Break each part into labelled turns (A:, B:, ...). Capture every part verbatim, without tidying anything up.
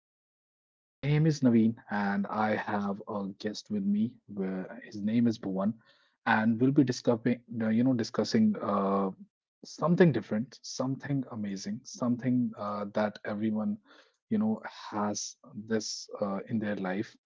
A: podcast. My name is Naveen and I have a guest with me. Where his name is Bhuvan, and we'll be discussing, uh, you know, discussing uh, something different, something amazing, something uh, that everyone, you know, has this uh, in their life.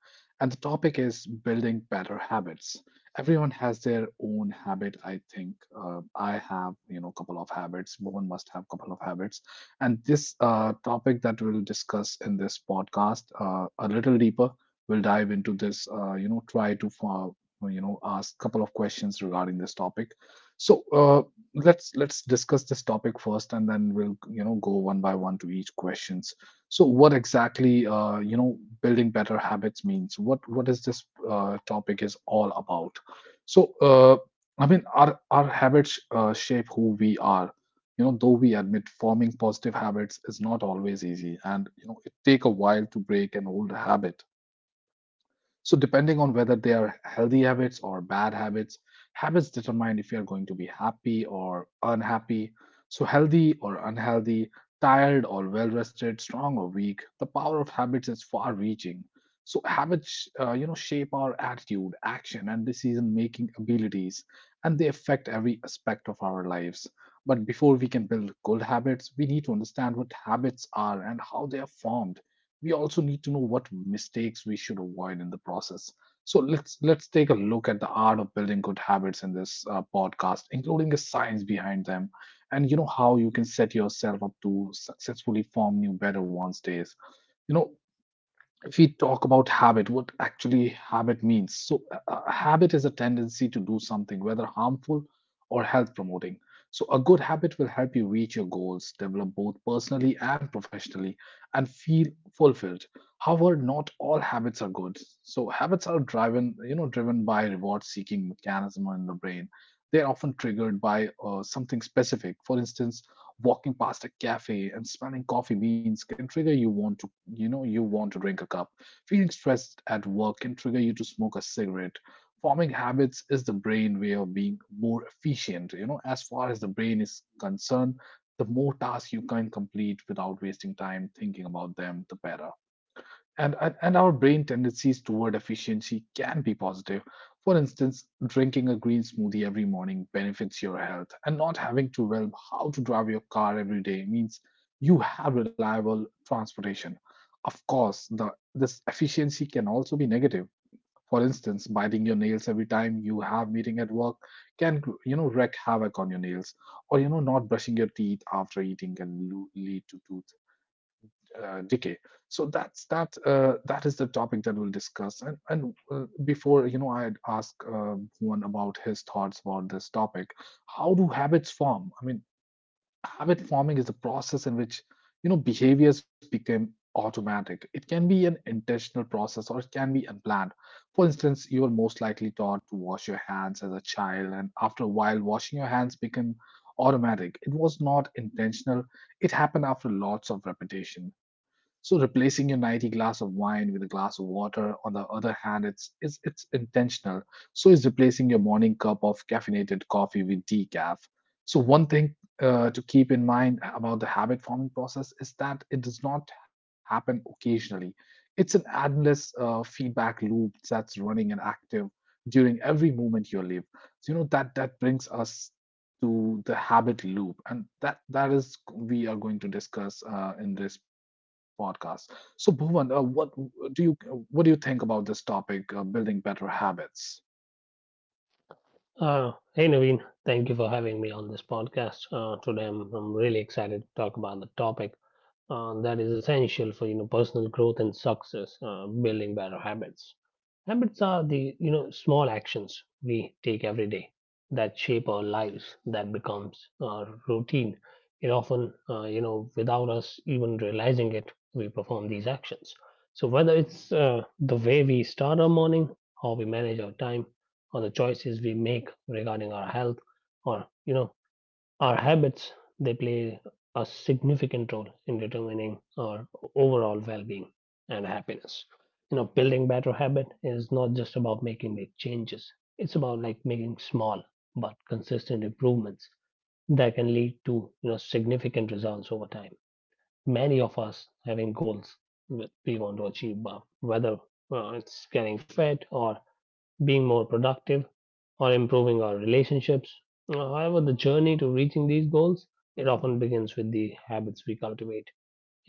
A: And the topic is building better habits. Everyone has their own habit, I think. Uh, I have, you know, couple of habits. Bhuvan must have couple of habits and this uh, topic that we'll discuss in this podcast uh, a little deeper, we'll dive into this, uh, you know, try to, uh, you know, ask a couple of questions regarding this topic. So uh, let's let's discuss this topic first, and then we'll you know go one by one to each questions. So what exactly uh, you know building better habits means? What what is this uh, topic is all about? So uh, I mean, our our habits uh, shape who we are, you know though we admit forming positive habits is not always easy, and you know it take a while to break an old habit. So, depending on whether they are healthy habits or bad habits, habits determine if you are going to be happy or unhappy. So, healthy or unhealthy, tired or well rested, strong or weak, the power of habits is far reaching. So, habits, uh, you know, shape our attitude, action, and decision making abilities, and they affect every aspect of our lives. But before we can build good habits, we need to understand what habits are and how they are formed. We also need to know what mistakes we should avoid in the process. So let's let's take a look at the art of building good habits in this uh, podcast, including the science behind them, and you know how you can set yourself up to successfully form new better ones days. You know if we talk about habit, what actually habit means. So, a a habit is a tendency to do something, whether harmful or health promoting. So, a good habit will help you reach your goals, develop both personally and professionally, and feel fulfilled. However, not all habits are good. So, habits are driven, you know, driven by reward-seeking mechanism in the brain. They are often triggered by uh, something specific. For instance, walking past a cafe and smelling coffee beans can trigger you want to you know you want to drink a cup. Feeling stressed at work can trigger you to smoke a cigarette. Forming habits is the brain way of being more efficient. You know, as far as the brain is concerned, the more tasks you can complete without wasting time thinking about them, the better. And, and and our brain tendencies toward efficiency can be positive. For instance, drinking a green smoothie every morning benefits your health, and not having to learn how to drive your car every day means you have reliable transportation. Of course, the this efficiency can also be negative. For instance, biting your nails every time you have meeting at work can you know wreak havoc on your nails, or you know not brushing your teeth after eating can lo- lead to tooth uh, decay. So that's that. Uh, that is the topic that we'll discuss. And and uh, before you know, I'd ask uh, one about his thoughts about this topic. How do habits form? I mean, habit forming is the process in which you know behaviors become automatic. It can be an intentional process or it can be unplanned. For instance, you are most likely taught to wash your hands as a child, and after a while washing your hands became automatic. It was not intentional. It happened after lots of repetition. So replacing your nighty glass of wine with a glass of water on the other hand, it's it's, it's intentional. So is replacing your morning cup of caffeinated coffee with decaf. So one thing uh, to keep in mind about the habit forming process is that it does not happen occasionally. It's an endless uh, feedback loop that's running and active during every moment you live. So, you know that that brings us to the habit loop, and that that is we are going to discuss uh, in this podcast. So, Bhuvan, uh, what do you what do you think about this topic, uh, building better habits?
B: Uh, hey Naveen, thank you for having me on this podcast. Uh, today I'm, I'm really excited to talk about the topic uh, that is essential for you know personal growth and success, uh, building better habits. Habits are the you know small actions we take every day that shape our lives, that becomes our routine. It often uh, you know without us even realizing it, we perform these actions. So whether it's uh, the way we start our morning, how we manage our time, or the choices we make regarding our health or you know our habits, they play a significant role in determining our overall well-being and happiness. You know building better habit is not just about making big changes, it's about like making small but consistent improvements that can lead to you know significant results over time. Many of us having goals that we want to achieve, but whether uh, it's getting fit or being more productive or improving our relationships. Uh, However, the journey to reaching these goals, it often begins with the habits we cultivate.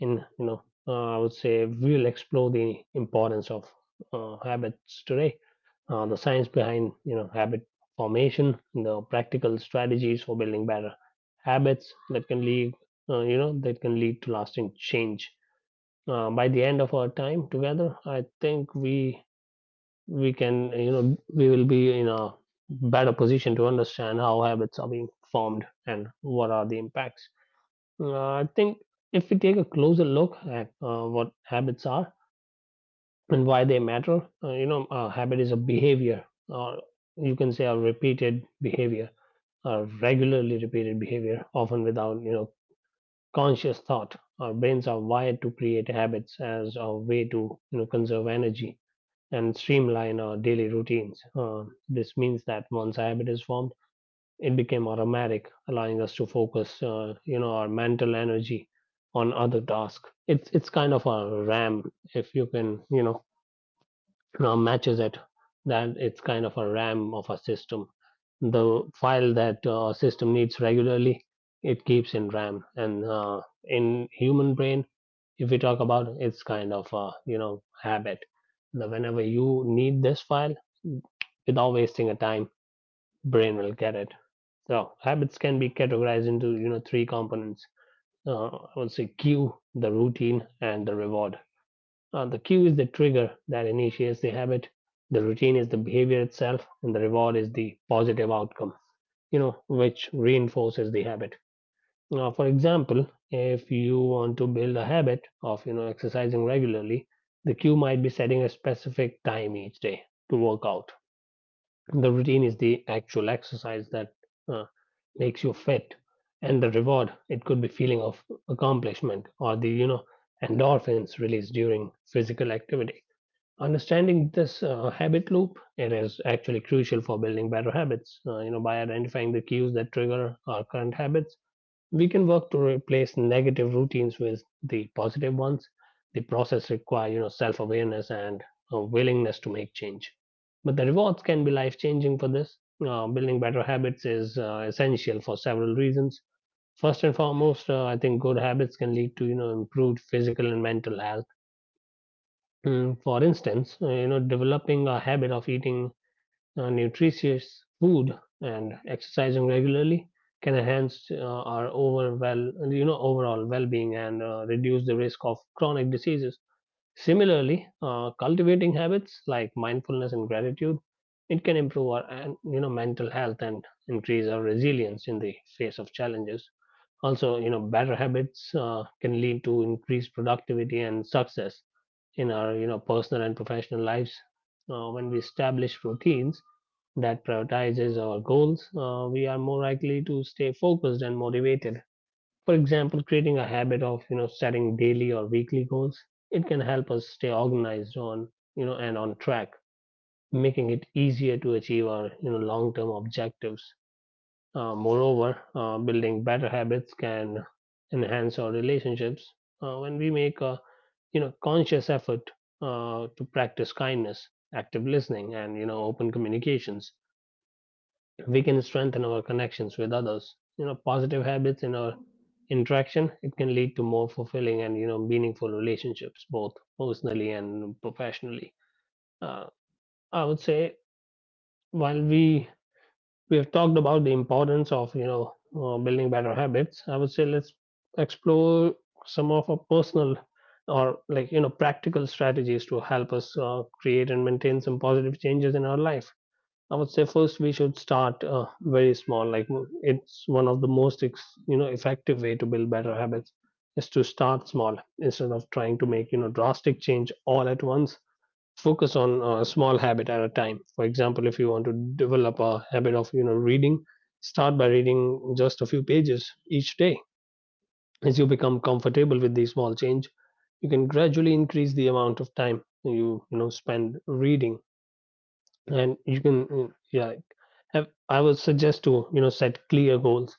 B: In you know, uh, I would say we'll explore the importance of uh, habits today, uh, the science behind you know habit formation, the practical strategies for building better habits that can lead uh, you know that can lead to lasting change. Uh, by the end of our time together, I think we we can you know we will be in a better position to understand how habits are being formed and what are the impacts. Uh, I think if we take a closer look at uh, what habits are and why they matter, uh, you know a habit is a behavior, or you can say a repeated behavior, a regularly repeated behavior often without you know conscious thought. Our brains are wired to create habits as a way to you know conserve energy and streamline our daily routines. Uh, this means that once a habit is formed, it became automatic, allowing us to focus, uh, you know, our mental energy on other tasks. It's it's kind of a RAM, if you can, you know, now matches it, that it's kind of a ram of a system. The file that uh, system needs regularly, it keeps in ram, and uh, in human brain if we talk about it, it's kind of a you know habit. Now, whenever you need this file, without wasting a time, brain will get it. So habits can be categorized into you know three components, uh, I would say cue, the routine, and the reward. Uh, the cue is the trigger that initiates the habit. The routine is the behavior itself, and the reward is the positive outcome, you know, which reinforces the habit. Now, for example, if you want to build a habit of, you know, exercising regularly, the cue might be setting a specific time each day to work out. The routine is the actual exercise that uh, makes you fit, and the reward, it could be feeling of accomplishment or the you know endorphins released during physical activity. Understanding this uh, habit loop, it is actually crucial for building better habits. Uh, you know, by identifying the cues that trigger our current habits, we can work to replace negative routines with the positive ones. The process requires, you know, self-awareness and a willingness to make change. But the rewards can be life-changing for this. Uh, building better habits is uh, essential for several reasons. First and foremost, uh, I think good habits can lead to, you know, improved physical and mental health. Mm, for instance, uh, you know, developing a habit of eating uh, nutritious food and exercising regularly can enhance uh, our overall, you know, overall well-being, and uh, reduce the risk of chronic diseases. Similarly, uh, cultivating habits like mindfulness and gratitude, it can improve our, and, you know, mental health, and increase our resilience in the face of challenges. Also, you know, better habits uh, can lead to increased productivity and success in our, you know, personal and professional lives. Uh, when we establish routines that prioritizes our goals, uh, we are more likely to stay focused and motivated. For example, creating a habit of, you know, setting daily or weekly goals, it can help us stay organized on, you know, and on track, making it easier to achieve our, you know, long-term objectives. Uh, moreover, uh, building better habits can enhance our relationships uh, when we make a you know conscious effort uh, to practice kindness, active listening, and you know open communications. We can strengthen our connections with others. You know, positive habits in our interaction, it can lead to more fulfilling and you know meaningful relationships, both personally and professionally. Uh, I would say while we we have talked about the importance of you know uh, building better habits, I would say let's explore some of our personal or like you know practical strategies to help us uh, create and maintain some positive changes in our life. I would say first we should start uh, very small, like w- it's one of the most ex- you know effective way to build better habits is to start small. Instead of trying to make you know drastic change all at once, focus on a small habit at a time. For example, if you want to develop a habit of you know reading, start by reading just a few pages each day. As you become comfortable with the small change, you can gradually increase the amount of time you you know spend reading. And you can, yeah, have, I would suggest to you know set clear goals.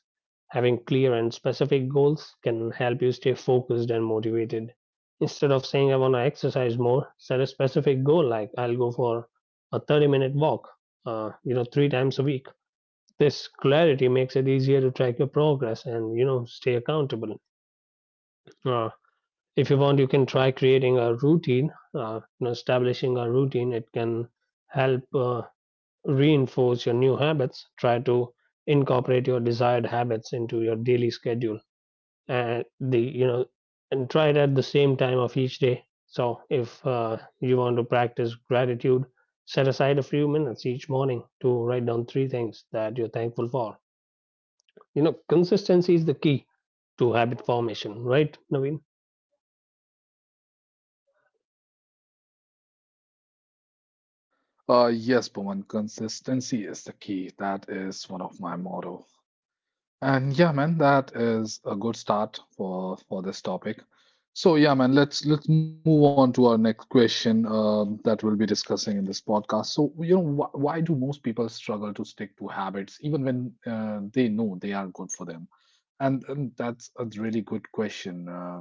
B: Having clear and specific goals can help you stay focused and motivated. Instead of saying I want to exercise more, set a specific goal like I'll go for a thirty-minute walk, uh, you know, three times a week. This clarity makes it easier to track your progress and you know stay accountable. Uh, if you want, you can try creating a routine. Uh, you know, establishing a routine, it can help uh, reinforce your new habits. Try to incorporate your desired habits into your daily schedule, and the you know, and try it at the same time of each day. So, if uh, you want to practice gratitude, set aside a few minutes each morning to write down three things that you're thankful for. You know, consistency is the key to habit formation, right, Naveen?
A: Uh, yes, Bhuvan, consistency is the key. That is one of my motto. And yeah, man, that is a good start for for this topic. So yeah, man, let's let's move on to our next question um, that we'll be discussing in this podcast. So you know, wh why do most people struggle to stick to habits even when uh, they know they are good for them? And um, that's a really good question. Uh,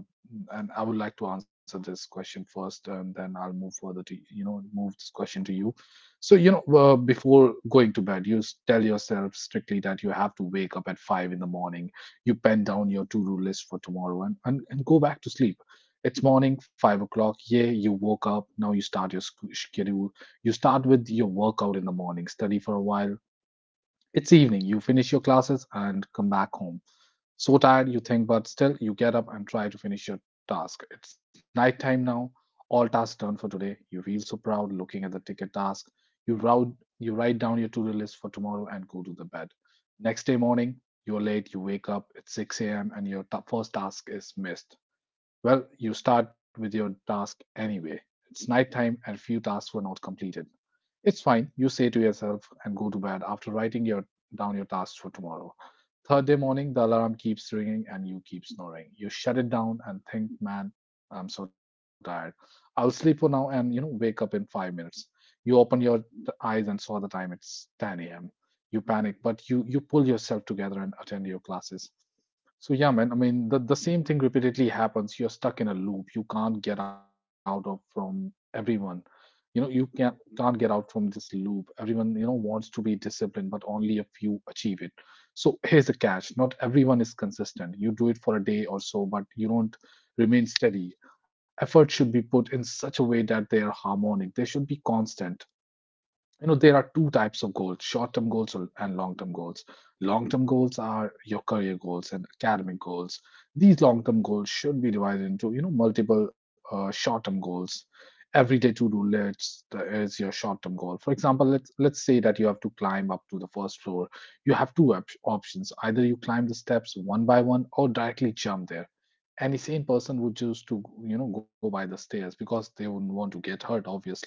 A: And I would like to answer this question first, and then I'll move further to, you know, move this question to you. So, you know, uh, before going to bed, you s- tell yourself strictly that you have to wake up at five in the morning. You pen down your to-do list for tomorrow and, and, and go back to sleep. It's morning, five o'clock. Yeah, you woke up. Now you start your sc- schedule. You start with your workout in the morning, study for a while. It's evening. You finish your classes and come back home so tired you think, but still you get up and try to finish your task. It's nighttime now, all tasks done for today. You feel so proud looking at the ticket task. You route, you write down your to-do list for tomorrow and go to the bed. Next day morning, you're late, you wake up, it's six a m and your ta- first task is missed. Well, you start with your task anyway. It's nighttime and few tasks were not completed. It's fine, you say to yourself and go to bed after writing your down your tasks for tomorrow. Third day morning, the alarm keeps ringing and you keep snoring. You shut it down and think, man, I'm so tired. I'll sleep for now and you know wake up in five minutes. You open your t- eyes and saw the time. It's ten a m. You panic, but you you pull yourself together and attend your classes. So yeah, man. I mean, the the same thing repeatedly happens. You're stuck in a loop. You can't get out of from everyone. You know, you can't can't get out from this loop. Everyone, you know, wants to be disciplined, but only a few achieve it. So here's the catch. Not everyone is consistent. You do it for a day or so, but you don't remain steady. Effort should be put in such a way that they are harmonic. They should be constant. You know, there are two types of goals: short term goals or- and long term goals. Long term goals are your career goals and academic goals. These long term goals should be divided into you know multiple uh, short term goals. Everyday to do list is your short term goal. For example, let's let's say that you have to climb up to the first floor. You have two op- options: either you climb the steps one by one or directly jump there. Any sane person would choose to you know go by the stairs because they wouldn't want to get hurt obviously.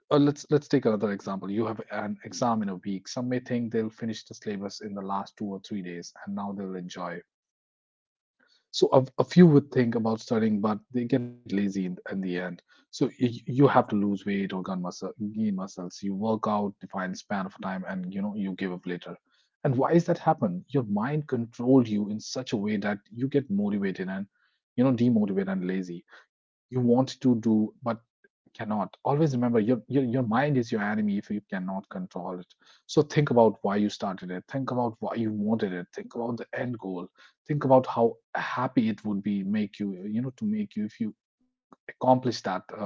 A: uh, let's let's take another example. You have an exam in a week. Some may think they'll finish the syllabus in the last two or three days, and now they'll enjoy. So a, a few would think about studying, but they get lazy in, in the end. So you, you have to lose weight or gain muscle, gain muscles. You work out defined span of time, and you know you give up later. And why is that happen? Your mind controls you in such a way that you get motivated and you know demotivated and lazy. You want to do, but cannot always remember your, your your mind is your enemy if you cannot control it. So think about why you started it, think about why you wanted it, think about the end goal, think about how happy it would be make you you know to make you if you accomplish that uh,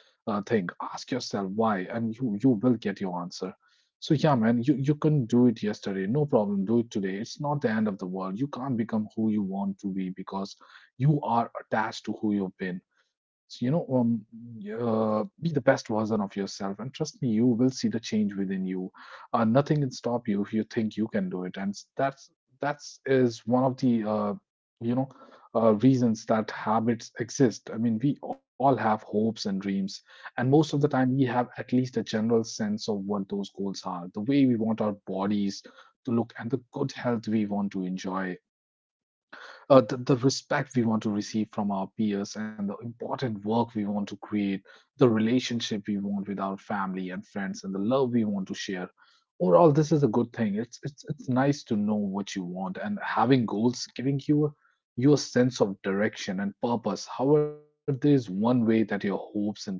A: uh thing. Ask yourself why and you you will get your answer. So yeah man, you you couldn't do it yesterday, no problem, do it today. It's not the end of the world. You can't become who you want to be because you are attached to who you've been. So, you know, um, uh, be the best version of yourself, and trust me, you will see the change within you. Uh, nothing can stop you if you think you can do it, and that's that's is one of the uh, you know uh, reasons that habits exist. I mean, we all have hopes and dreams, and most of the time, we have at least a general sense of what those goals are, the way we want our bodies to look, and the good health we want to enjoy, uh, the, the respect we want to receive from our peers and the important work we want to create, the relationship we want with our family and friends, and the love we want to share. Overall, this is a good thing. It's it's it's nice to know what you want, and having goals giving you you a sense of direction and purpose. However, there is one way that your hopes and dreams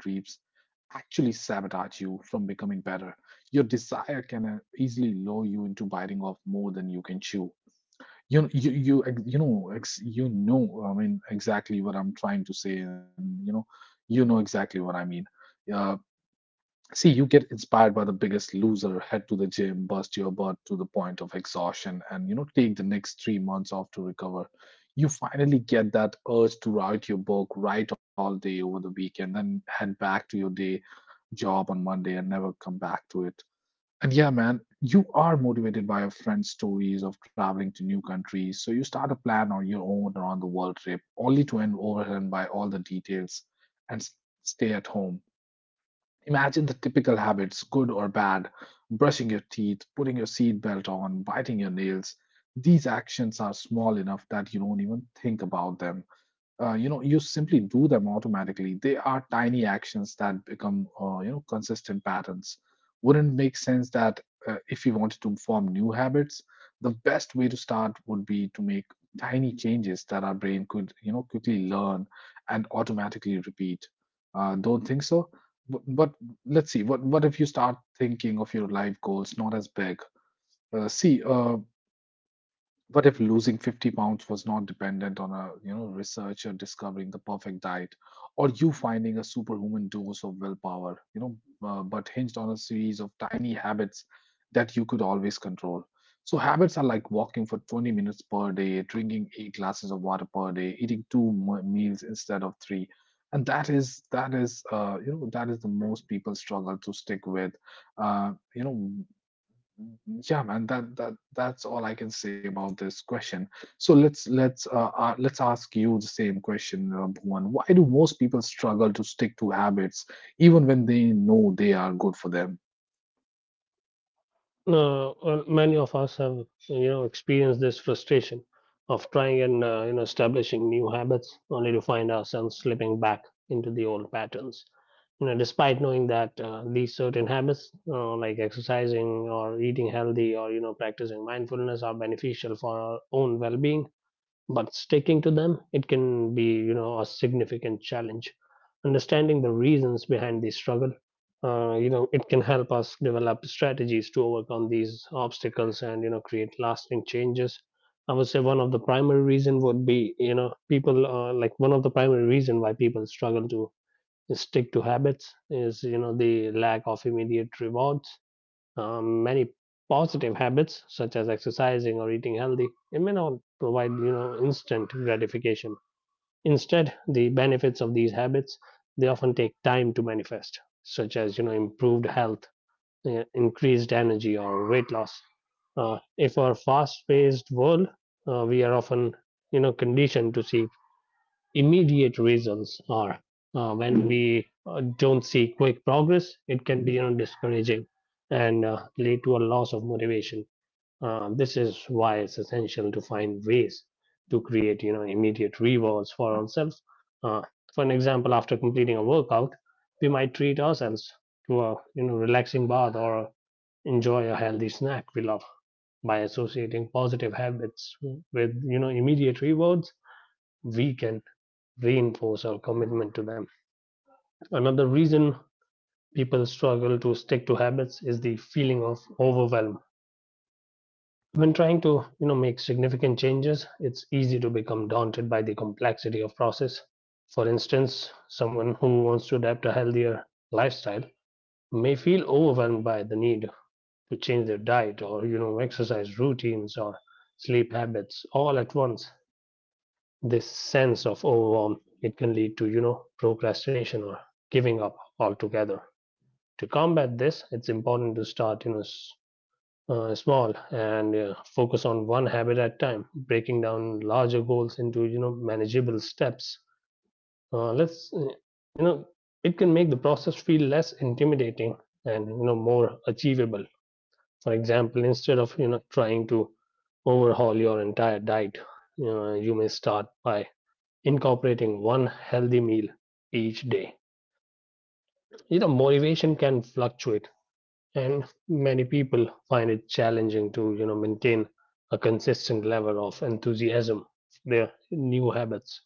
A: actually sabotage you from becoming better. Your desire can uh, easily lure you into biting off more than you can chew. you you you ex- you know ex, you know I mean exactly what I'm trying to say, and you know you know exactly what I mean. Uh, See, you get inspired by the biggest loser, head to the gym, bust your butt to the point of exhaustion, and you know take the next three months off to recover. You finally get that urge to write your book, write all day over the weekend, then head back to your day job on Monday and never come back to it. And yeah, man, you are motivated by your friend's stories of traveling to new countries. So you start a plan on your own around the world trip, only to end overwhelmed by all the details, and s- stay at home. Imagine the typical habits, good or bad: brushing your teeth, putting your seatbelt on, biting your nails. These actions are small enough that you don't even think about them. Uh, you know you simply do them automatically. They are tiny actions that become uh, you know consistent patterns. Wouldn't make sense that, uh, if you wanted to form new habits, the best way to start would be to make tiny changes that our brain could you know quickly learn and automatically repeat? Uh, don't think so? But, but let's see. What what if you start thinking of your life goals not as big? Uh, see uh, What if losing fifty pounds was not dependent on a, you know, researcher discovering the perfect diet or you finding a superhuman dose of willpower, you know, uh, but hinged on a series of tiny habits that you could always control? So habits are like walking for twenty minutes per day, drinking eight glasses of water per day, eating two mo- meals instead of three. And that is that is uh, you know that is the most people struggle to stick with. Uh, you know yeah, man, that that that's all I can say about this question. So let's let's uh, uh let's ask you the same question, uh, Bhuvan. Why do most people struggle to stick to habits even when they know they are good for them?
B: No, well, many of us have you know experienced this frustration of trying and uh, you know establishing new habits only to find ourselves slipping back into the old patterns. You know, despite knowing that uh, these certain habits, uh, like exercising or eating healthy or you know practicing mindfulness, are beneficial for our own well-being, but sticking to them, it can be you know a significant challenge. Understanding the reasons behind the struggle, uh, you know it can help us develop strategies to overcome these obstacles and you know create lasting changes. I would say one of the primary reason would be you know people uh, like one of the primary reason why people struggle to stick to habits is you know the lack of immediate rewards. Um, many positive habits such as exercising or eating healthy, it may not provide you know instant gratification. Instead, the benefits of these habits, they often take time to manifest, such as you know improved health, uh, increased energy, or weight loss. Uh, if our fast paced world, uh, we are often you know conditioned to seek immediate reasons are. Uh, when we uh, don't see quick progress, it can be, you know, discouraging, and uh, lead to a loss of motivation. Uh, this is why it's essential to find ways to create you know immediate rewards for ourselves. Uh, for an example, after completing a workout, we might treat ourselves to a you know relaxing bath or enjoy a healthy snack we love. By associating positive habits with you know immediate rewards, we can reinforce our commitment to them. Another reason people struggle to stick to habits is the feeling of overwhelm. When trying to, you know, make significant changes, it's easy to become daunted by the complexity of process. For instance, someone who wants to adapt a healthier lifestyle may feel overwhelmed by the need to change their diet or, you know, exercise routines or sleep habits all at once. This sense of overwhelm, it can lead to you know procrastination or giving up altogether. To combat this, it's important to start you know uh, small, and uh, focus on one habit at a time, breaking down larger goals into you know manageable steps. Uh, let's uh, you know It can make the process feel less intimidating and you know more achievable. For example, instead of you know trying to overhaul your entire diet, uh, you may start by incorporating one healthy meal each day. You know, motivation can fluctuate, and many people find it challenging to, you know, maintain a consistent level of enthusiasm for their new habits.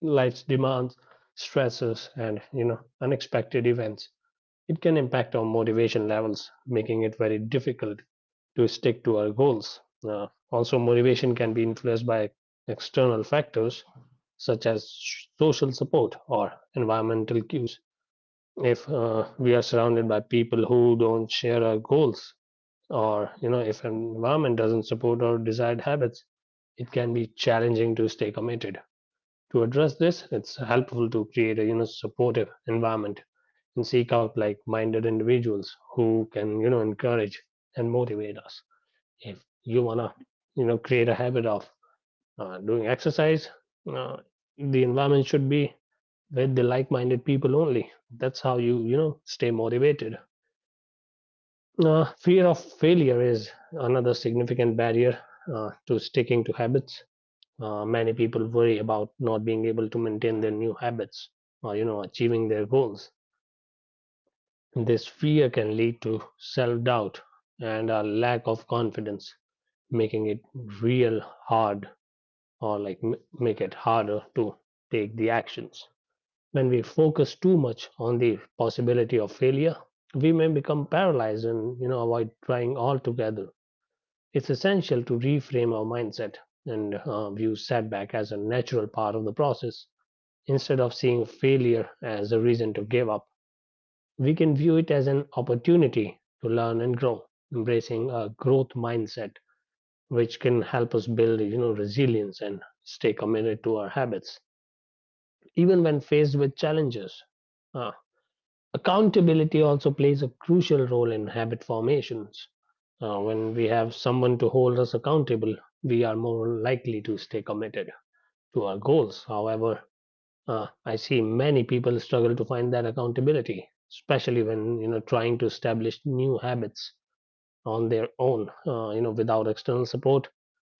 B: Life's demands, stresses, and, you know, unexpected events it can impact our motivation levels, making it very difficult to stick to our goals. Uh, also, motivation can be influenced by external factors such as social support or environmental cues. If uh, we are surrounded by people who don't share our goals, or you know, if an environment doesn't support our desired habits, it can be challenging to stay committed. To address this, it's helpful to create a you know supportive environment and seek out like-minded individuals who can you know encourage and motivate us. If you wanna you know create a habit of uh, doing exercise, uh, the environment should be with the like-minded people only. That's how you you know stay motivated. Uh, fear of failure is another significant barrier uh, to sticking to habits. Uh, many people worry about not being able to maintain their new habits or you know achieving their goals. This fear can lead to self-doubt and a lack of confidence, making it real hard, or like m- make it harder to take the actions. When we focus too much on the possibility of failure, we may become paralyzed and you know avoid trying altogether. It's essential to reframe our mindset and uh, view setback as a natural part of the process. Instead of seeing failure as a reason to give up, we can view it as an opportunity to learn and grow, embracing a growth mindset, which can help us build, you know, resilience and stay committed to our habits, even when faced with challenges. Uh, Accountability also plays a crucial role in habit formations. Uh, when we have someone to hold us accountable, we are more likely to stay committed to our goals. However, Uh, I see many people struggle to find that accountability, especially when you know trying to establish new habits on their own. Uh, you know, without external support,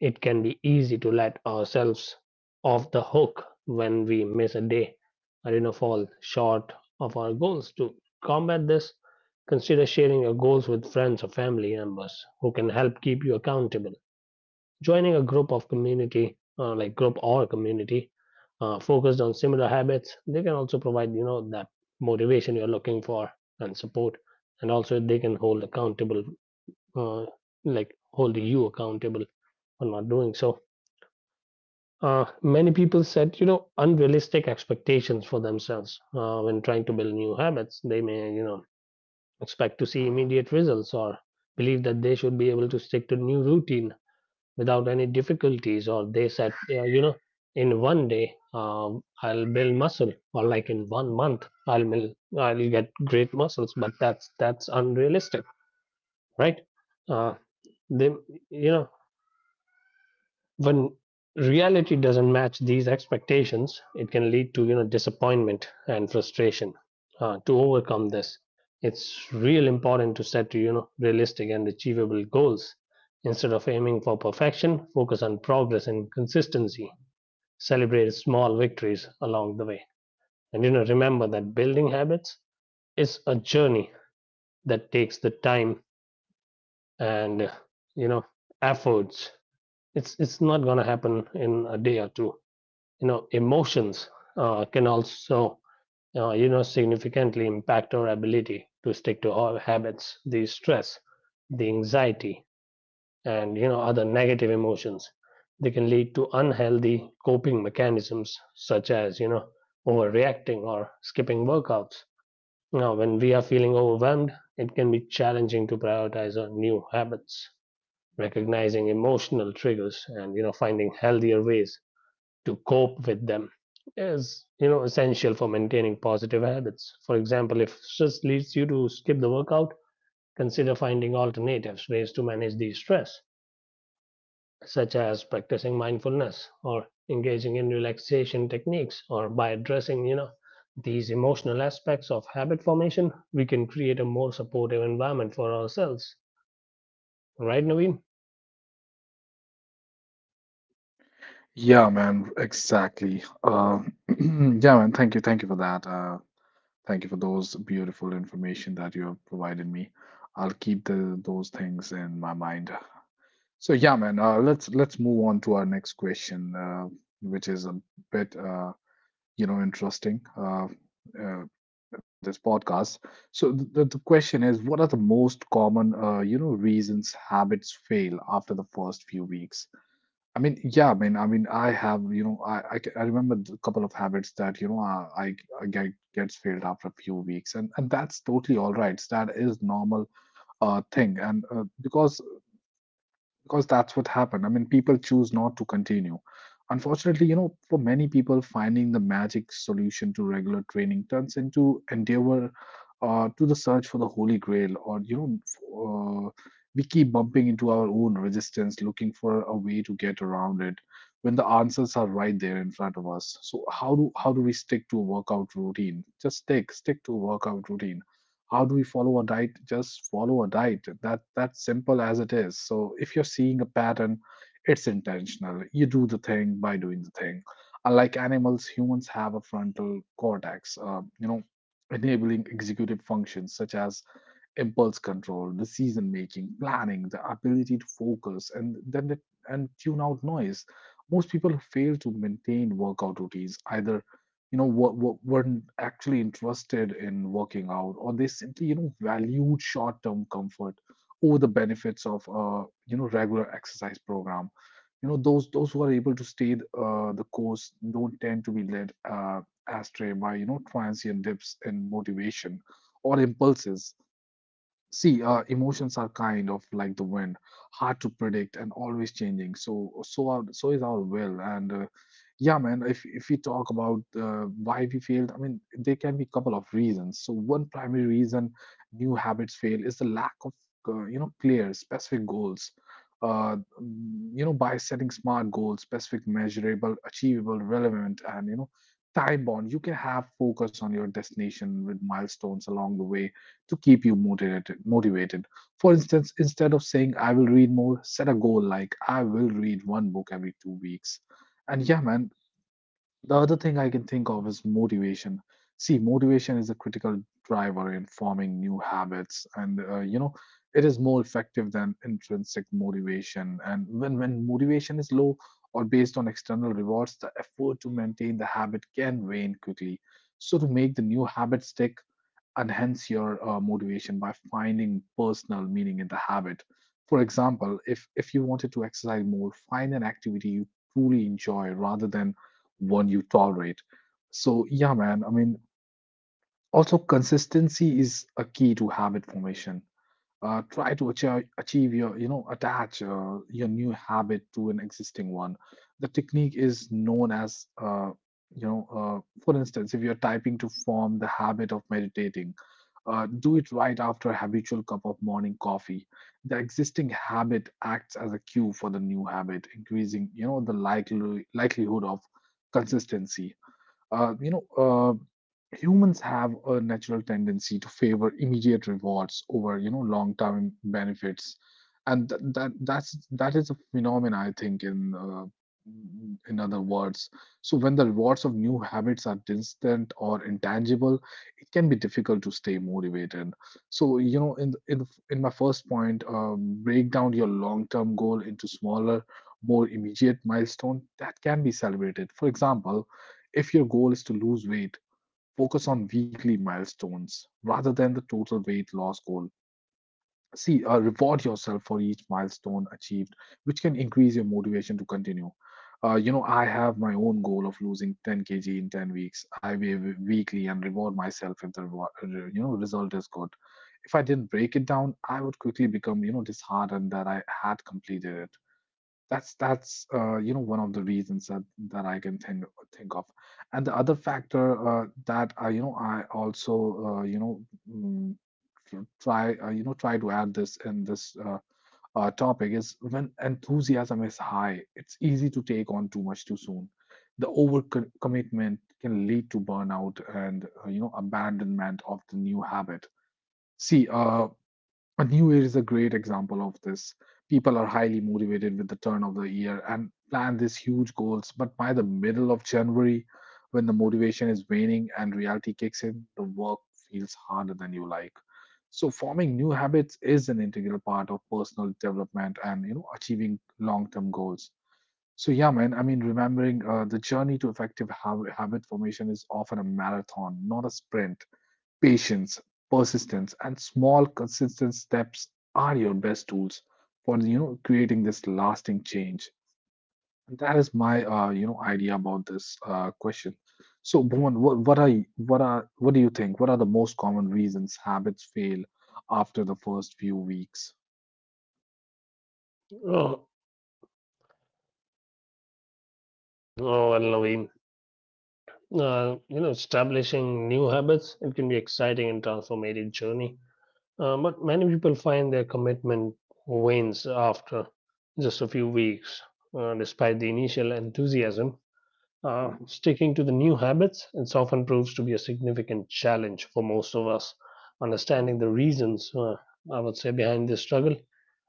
B: it can be easy to let ourselves off the hook when we miss a day or you know fall short of our goals. To combat this, consider sharing your goals with friends or family members who can help keep you accountable. Joining a group of community, uh, like group or community uh, focused on similar habits, they can also provide you know that motivation you're looking for and support, and also they can hold accountable, uh, like hold you accountable for not doing so. Uh, many people set you know unrealistic expectations for themselves uh, when trying to build new habits. They may you know expect to see immediate results, or believe that they should be able to stick to new routine without any difficulties, or they said, yeah, you know, in one day um, I'll build muscle, or like in one month i'll build, I'll get great muscles, but that's that's unrealistic, right? Uh, they you know when reality doesn't match these expectations, it can lead to you know disappointment and frustration. Uh, to overcome this, it's real important to set you know realistic and achievable goals. Instead of aiming for perfection, focus on progress and consistency. Celebrate small victories along the way, and you know remember that building habits is a journey that takes the time and you know efforts. It's it's not gonna happen in a day or two. You know emotions uh, can also uh, you know significantly impact our ability to stick to our habits. The stress, the anxiety, and you know other negative emotions, they can lead to unhealthy coping mechanisms, such as you know overreacting or skipping workouts. Now, when we are feeling overwhelmed, it can be challenging to prioritize our new habits. Recognizing emotional triggers and you know finding healthier ways to cope with them is you know essential for maintaining positive habits. For example, if stress leads you to skip the workout, consider finding alternatives ways to manage the stress, such as practicing mindfulness or engaging in relaxation techniques. Or by addressing, you know these emotional aspects of habit formation, we can create a more supportive environment for ourselves, right, Naveen?
A: Yeah, man, exactly. Uh yeah, man, thank you, thank you for that. Uh thank you for those beautiful information that you have provided me. I'll keep the those things in my mind. So yeah, man, uh, let's let's move on to our next question, uh which is a bit uh you know interesting, uh, uh, for this podcast. So the, the question is, what are the most common uh, you know reasons habits fail after the first few weeks? I mean, yeah, I mean, I mean, I have you know, I I, ca- I remember a couple of habits that you know I, I I get gets failed after a few weeks, and and that's totally all right. That is normal uh thing, and uh, because because that's what happened. I mean, people choose not to continue. Unfortunately, you know, for many people, finding the magic solution to regular training turns into endeavor, uh, to the search for the holy grail, or you know, uh, we keep bumping into our own resistance, looking for a way to get around it when the answers are right there in front of us. So how do how do we stick to a workout routine? Just stick, stick to a workout routine. How do we follow a diet? Just follow a diet. That that's simple as it is. So if you're seeing a pattern, it's intentional. You do the thing by doing the thing. Unlike animals, humans have a frontal cortex, um, you know enabling executive functions such as impulse control, decision making, planning, the ability to focus and then the, and tune out noise. Most people fail to maintain workout routines either you know what, what weren't actually interested in working out, or they simply you know valued short-term comfort over the benefits of uh, you know regular exercise program. you know those those who are able to stay uh, the course don't tend to be led uh, astray by you know transient dips in motivation or impulses. See, uh, emotions are kind of like the wind, hard to predict and always changing. So, so are, so is our will. And uh, yeah, man, if if we talk about uh, why we failed, I mean, there can be a couple of reasons. So, one primary reason new habits fail is the lack of uh, you know clear, specific goals. Uh, mm, you know, by setting smart goals, specific, measurable, achievable, relevant, and you know, time bound, you can have focus on your destination with milestones along the way to keep you motivated motivated For instance, instead of saying I will read more, set a goal like I will read one book every two weeks. And yeah, man, the other thing I can think of is motivation. See, motivation is a critical driver in forming new habits, and uh, you know it is more effective than intrinsic motivation. And when when motivation is low or based on external rewards, the effort to maintain the habit can wane quickly. So to make the new habit stick, enhance your uh, motivation by finding personal meaning in the habit. For example, if if you wanted to exercise more, find an activity you truly enjoy rather than one you tolerate. So yeah, man. I mean, also consistency is a key to habit formation. Uh, try to achieve, achieve your, you know, attach uh, your new habit to an existing one. The technique is known as, uh, you know, uh, for instance, if you're typing to form the habit of meditating, uh, do it right after a habitual cup of morning coffee. The existing habit acts as a cue for the new habit, increasing you know the likely likelihood of consistency. Uh, you know, uh, humans have a natural tendency to favor immediate rewards over you know long term benefits, and th- that that's that is a phenomenon I think in, uh, in other words. So when the rewards of new habits are distant or intangible, it can be difficult to stay motivated. So you know in the, in, the, in my first point, um, break down your long term goal into smaller, more immediate milestone that can be celebrated. For example, if your goal is to lose weight, focus on weekly milestones rather than the total weight loss goal. See, uh, reward yourself for each milestone achieved, which can increase your motivation to continue. Uh, you know, I have my own goal of losing ten k g in ten weeks. I weigh w- weekly and reward myself if the reward, you know result is good. If I didn't break it down, I would quickly become you know disheartened that I had completed it. That's that's uh, you know one of the reasons that, that I can think think of. And the other factor, uh, that I, you know I also uh, you know mm, tr- try, uh, you know try to add this in this, uh, uh, topic is, when enthusiasm is high, it's easy to take on too much too soon. The over co- commitment can lead to burnout and uh, you know abandonment of the new habit. See, uh, and New Year is a great example of this. People are highly motivated with the turn of the year and plan these huge goals, but by the middle of January, when the motivation is waning and reality kicks in, the work feels harder than you like. So forming new habits is an integral part of personal development and you know achieving long-term goals. So yeah, man. I mean, remembering uh, the journey to effective hab- habit formation is often a marathon, not a sprint. Patience, persistence, and small, consistent steps are your best tools for you know creating this lasting change. And that is my, uh, you know idea about this, uh, question. So, Bhuvan, what, what are y- what are what do you think? What are the most common reasons habits fail after the first few weeks?
B: Oh, oh well, Naveen. Uh, you know, establishing new habits, it can be exciting and transformative journey. Uh, but many people find their commitment wanes after just a few weeks. Uh, despite the initial enthusiasm, uh, sticking to the new habits, it often proves to be a significant challenge for most of us. Understanding the reasons, uh, I would say, behind this struggle,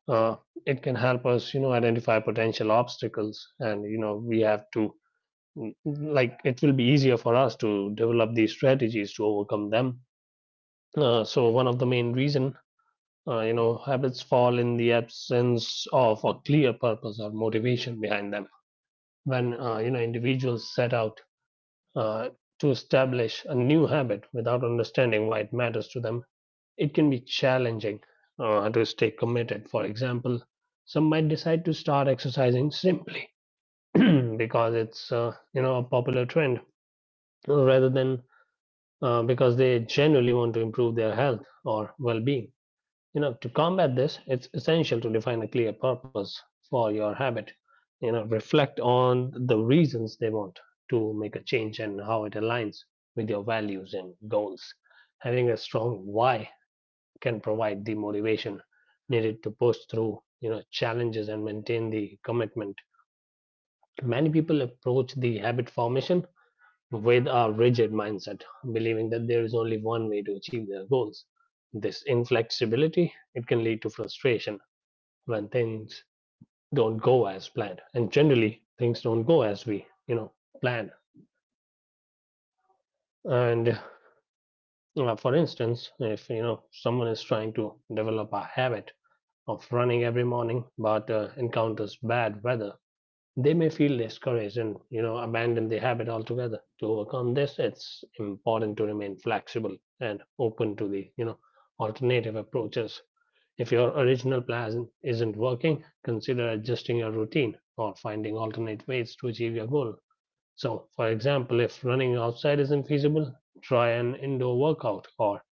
B: uh, it can help us, you know, identify potential obstacles, and you know, we have to like it will be easier for us to develop these strategies to overcome them. Uh, so one of the main reason, uh, you know, habits fall in the absence of a clear purpose or motivation behind them. When uh, you know individuals set out uh, to establish a new habit without understanding why it matters to them, it can be challenging uh, to stay committed. For example, some might decide to start exercising simply because it's uh, you know a popular trend rather than uh, because they genuinely want to improve their health or well-being. You know, to combat this, it's essential to define a clear purpose for your habit. You know, reflect on the reasons they want to make a change and how it aligns with your values and goals. Having a strong why can provide the motivation needed to push through, you know, challenges and maintain the commitment. Many people approach the habit formation with a rigid mindset, believing that there is only one way to achieve their goals. This inflexibility it can lead to frustration when things don't go as planned, and generally things don't go as we you know plan. And uh, for instance, if you know someone is trying to develop a habit of running every morning but uh, encounters bad weather, they may feel discouraged and you know abandon the habit altogether. To overcome this, it's important to remain flexible and open to the you know alternative approaches. If your original plan isn't working, consider adjusting your routine or finding alternate ways to achieve your goal. So for example, if running outside isn't feasible, try an indoor workout or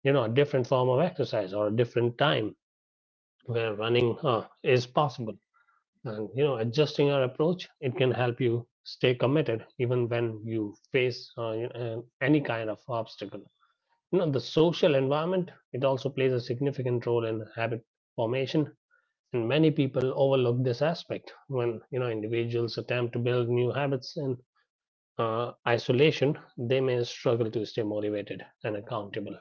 B: you know a different form of exercise or a different time where running uh, is possible. And you know adjusting your approach, it can help you stay committed even when you face, uh, you know, any kind of obstacle. You know the social environment, it also plays a significant role in habit formation, and many people overlook this aspect. When you know individuals attempt to build new habits in uh, isolation, they may struggle to stay motivated and accountable.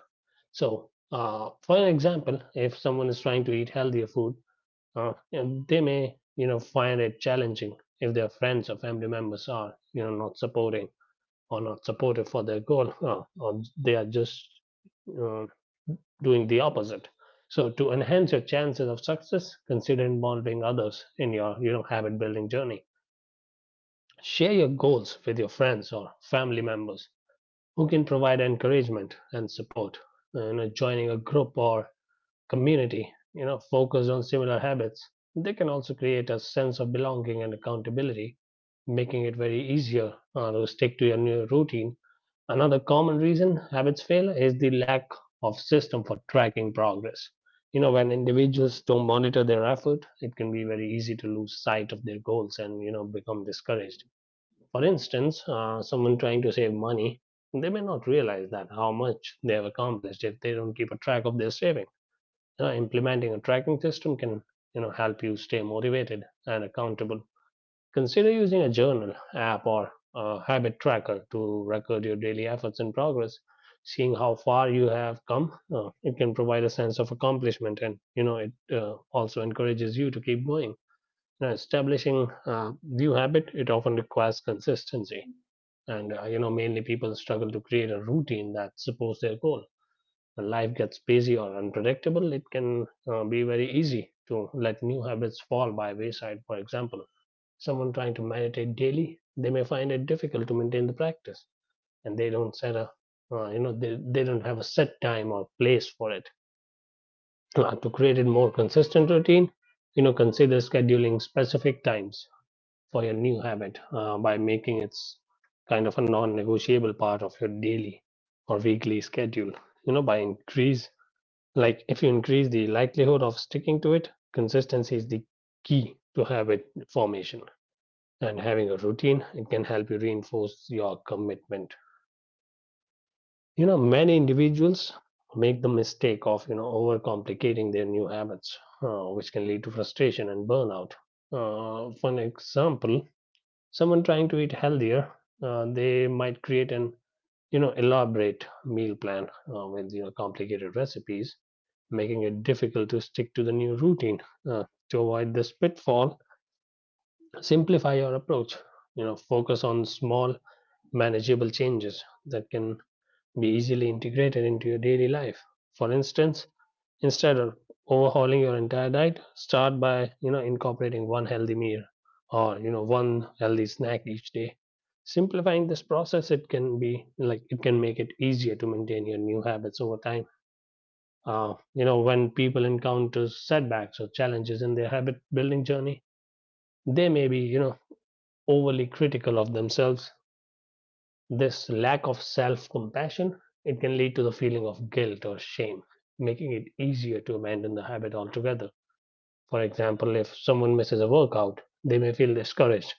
B: So uh, for an example, if someone is trying to eat healthier food, uh, and they may you know find it challenging if their friends or family members are you know not supporting or not supportive for their goal, uh, or they are just uh, doing the opposite. So to enhance your chances of success, consider involving others in your you know habit building journey. Share your goals with your friends or family members who can provide encouragement and support. Uh, you know joining a group or community, you know, focused on similar habits, they can also create a sense of belonging and accountability, making it very easier uh, to stick to your new routine. Another common reason habits fail is the lack of system for tracking progress. You know, when individuals don't monitor their effort, it can be very easy to lose sight of their goals and, you know, become discouraged. For instance, uh, someone trying to save money, they may not realize that how much they have accomplished if they don't keep a track of their savings. Uh, implementing a tracking system can you know help you stay motivated and accountable. Consider using a journal app or a habit tracker to record your daily efforts and progress. Seeing how far you have come, uh, it can provide a sense of accomplishment, and you know it uh, also encourages you to keep going. Now, establishing a new habit, it often requires consistency, and uh, you know mainly people struggle to create a routine that supports their goal. When life gets busy or unpredictable, it can uh, be very easy to let new habits fall by wayside. For example, someone trying to meditate daily, they may find it difficult to maintain the practice, and they don't set a, uh, you know, they, they don't have a set time or place for it. Uh, to create a more consistent routine, you know, consider scheduling specific times for your new habit uh, by making it kind of a non-negotiable part of your daily or weekly schedule. You know, by increase Like if you increase the likelihood of sticking to it, consistency is the key to habit formation, and having a routine, it can help you reinforce your commitment. You know many individuals make the mistake of you know overcomplicating their new habits, uh, which can lead to frustration and burnout. Uh, for an example, someone trying to eat healthier, uh, they might create an you know elaborate meal plan, uh, with you know complicated recipes, making it difficult to stick to the new routine. Uh, to avoid this pitfall, simplify your approach. You know focus on small, manageable changes that can be easily integrated into your daily life. For instance, instead of overhauling your entire diet, start by you know incorporating one healthy meal or you know one healthy snack each day. Simplifying this process, it can be like it can make it easier to maintain your new habits over time. Uh, you know when people encounter setbacks or challenges in their habit building journey, they may be you know overly critical of themselves. This lack of self-compassion, it can lead to the feeling of guilt or shame, making it easier to abandon the habit altogether. For example, if someone misses a workout, they may feel discouraged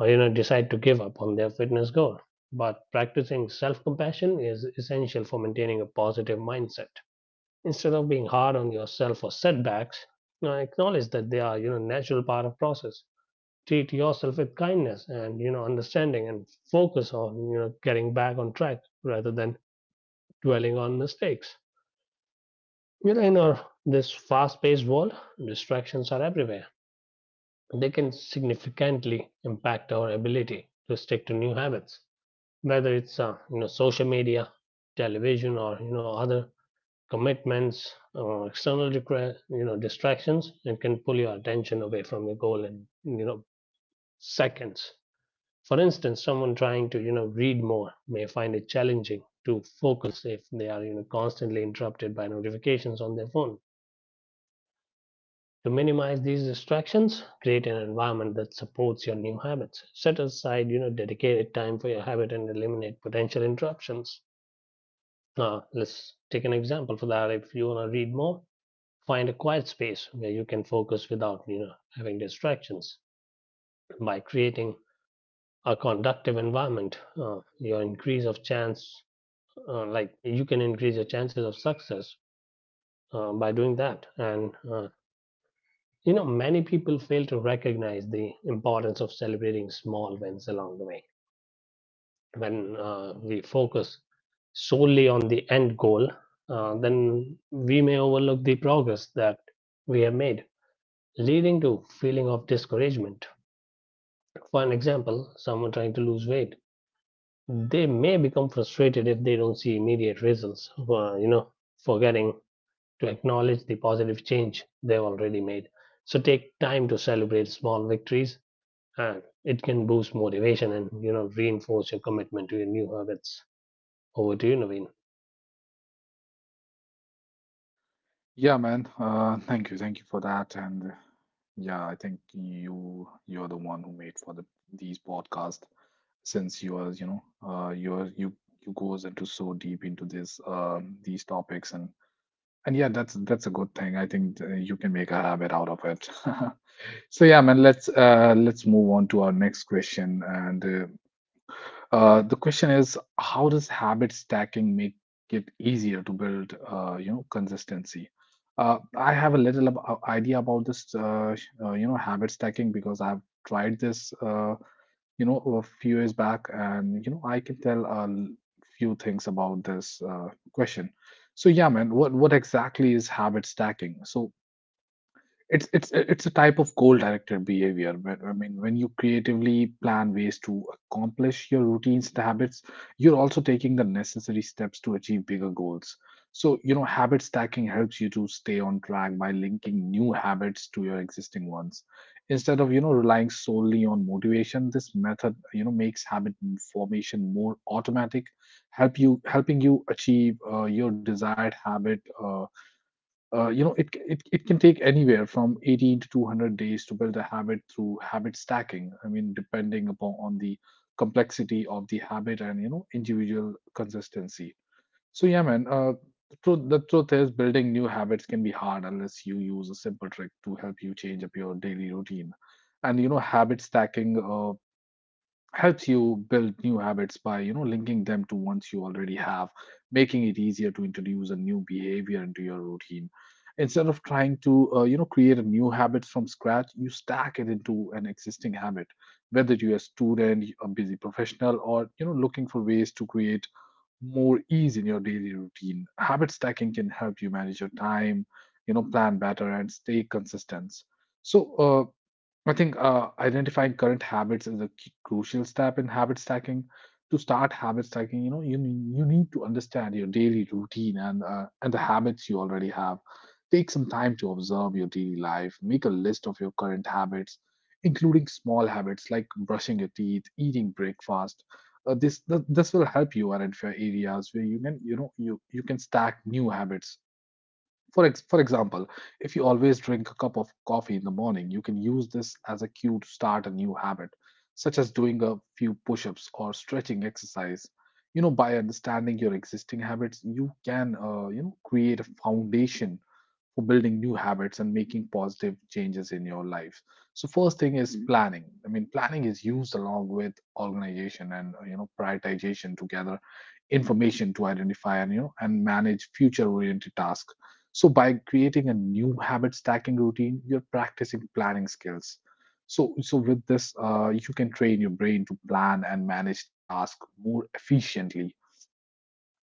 B: or you know decide to give up on their fitness goal. But practicing self-compassion is essential for maintaining a positive mindset. Instead of being hard on yourself for setbacks, you know, acknowledge that they are you know natural part of process. Treat yourself with kindness and you know understanding, and focus on you know getting back on track rather than dwelling on mistakes. You know, in our this fast-paced world, distractions are everywhere. They can significantly impact our ability to stick to new habits, whether it's uh, you know social media, television, or you know other commitments or external decra- you know distractions, and can pull your attention away from your goal in you know seconds. For instance, someone trying to you know read more may find it challenging to focus if they are you know constantly interrupted by notifications on their phone. To minimize these distractions, create an environment that supports your new habits. Set aside, you know, dedicated time for your habit and eliminate potential interruptions. Now, let's take an example for that. If you want to read more, find a quiet space where you can focus without, you know, having distractions. By creating a conductive environment, uh, your increase of chance, uh, like you can increase your chances of success uh, by doing that. And uh, You know, many people fail to recognize the importance of celebrating small wins along the way. When uh, we focus solely on the end goal, uh, then we may overlook the progress that we have made, leading to feeling of discouragement. For an example, someone trying to lose weight, they may become frustrated if they don't see immediate results, Uh, you know, forgetting to acknowledge the positive change they've already made. So take time to celebrate small victories, and it can boost motivation and you know reinforce your commitment to your new habits. Over to you, Naveen.
A: Yeah, man. Uh, thank you, thank you for that. And uh, yeah, I think you you're the one who made for the these podcasts since you are, you know, uh, you're you you goes into so deep into this um these topics and and yeah, that's that's a good thing. I think uh, you can make a habit out of it. So yeah, man, let's uh let's move on to our next question and uh, uh, the question is, how does habit stacking make it easier to build, uh, you know, consistency? Uh, I have a little ab- uh, idea about this, uh, sh- uh, you know, habit stacking because I've tried this, uh, you know, a few years back, and you know, I can tell a l- few things about this uh, question. So yeah, man, what what exactly is habit stacking? So it's it's it's a type of goal-directed behavior. where- I mean, when you creatively plan ways to accomplish your routines and habits, you're also taking the necessary steps to achieve bigger goals. So, you know, habit stacking helps you to stay on track by linking new habits to your existing ones. Instead of, you know, relying solely on motivation, this method, you know, makes habit formation more automatic, help you helping you achieve uh, your desired habit uh, uh, You know it, it it can take anywhere from eighty to two hundred days to build a habit through habit stacking. I mean depending upon on the complexity of the habit and you know individual consistency. So yeah, man uh, the truth, the truth is building new habits can be hard unless you use a simple trick to help you change up your daily routine. And you know habit stacking uh, helps you build new habits by you know linking them to ones you already have, making it easier to introduce a new behavior into your routine. Instead of trying to uh, you know create a new habit from scratch, you stack it into an existing habit. Whether you're a student, a busy professional, or you know looking for ways to create more ease in your daily routine, habit stacking can help you manage your time, you know plan better and stay consistent. So uh, I think uh, identifying current habits is a key- crucial step in habit stacking. To start habit stacking, you know, you ne- you need to understand your daily routine and uh, and the habits you already have. Take some time to observe your daily life. Make a list of your current habits, including small habits like brushing your teeth, eating breakfast. Uh, this th- this will help you identify areas where you can you know you you can stack new habits. For ex- for example, if you always drink a cup of coffee in the morning, you can use this as a cue to start a new habit, such as doing a few push-ups or stretching exercise. You know, by understanding your existing habits, you can uh, you know create a foundation for building new habits and making positive changes in your life. So first thing is Mhm. Planning. I mean, planning is used along with organization and uh, you know prioritization to gather information to identify and you know and manage future-oriented tasks. So by creating a new habit stacking routine, you're practicing planning skills. So so with this, uh, you can train your brain to plan and manage tasks more efficiently.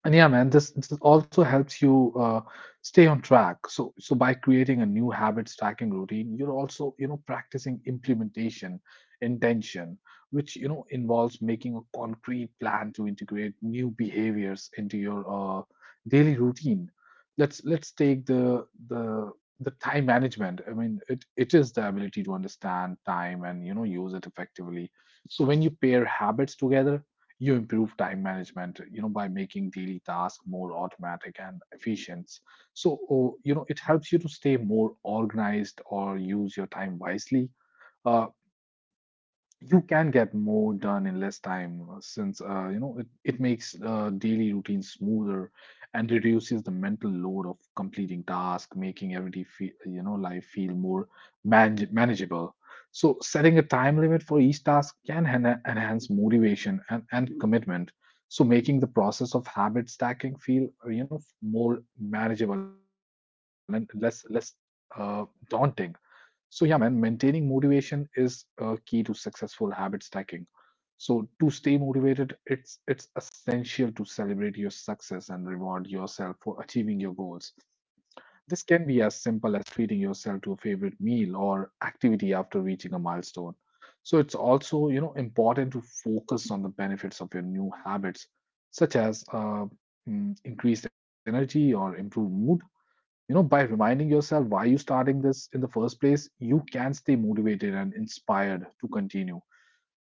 A: And yeah, man, this, this also helps you uh, stay on track. So, so by creating a new habit stacking routine, you're also, you know, practicing implementation, intention, which, you know, involves making a concrete plan to integrate new behaviors into your uh, daily routine. Let's let's take the the the time management. I mean, it, it is the ability to understand time and, you know, use it effectively. So when you pair habits together, you improve time management, you know, by making daily tasks more automatic and efficient. So, oh, you know, it helps you to stay more organized or use your time wisely. Uh, you can get more done in less time uh, since uh, you know it, it makes uh, daily routine smoother and reduces the mental load of completing tasks, making everyday feel, you know life feel more manage- manageable. So setting a time limit for each task can hen- enhance motivation and, and commitment, so making the process of habit stacking feel uh, you know more manageable and less less uh, daunting. So yeah, man, maintaining motivation is uh, key to successful habit stacking. So to stay motivated, it's it's essential to celebrate your success and reward yourself for achieving your goals. This can be as simple as treating yourself to a favorite meal or activity after reaching a milestone. So it's also, you know, important to focus on the benefits of your new habits, such as uh, mm, increased energy or improved mood. You know by reminding yourself why you starting this in the first place, you can stay motivated and inspired to continue.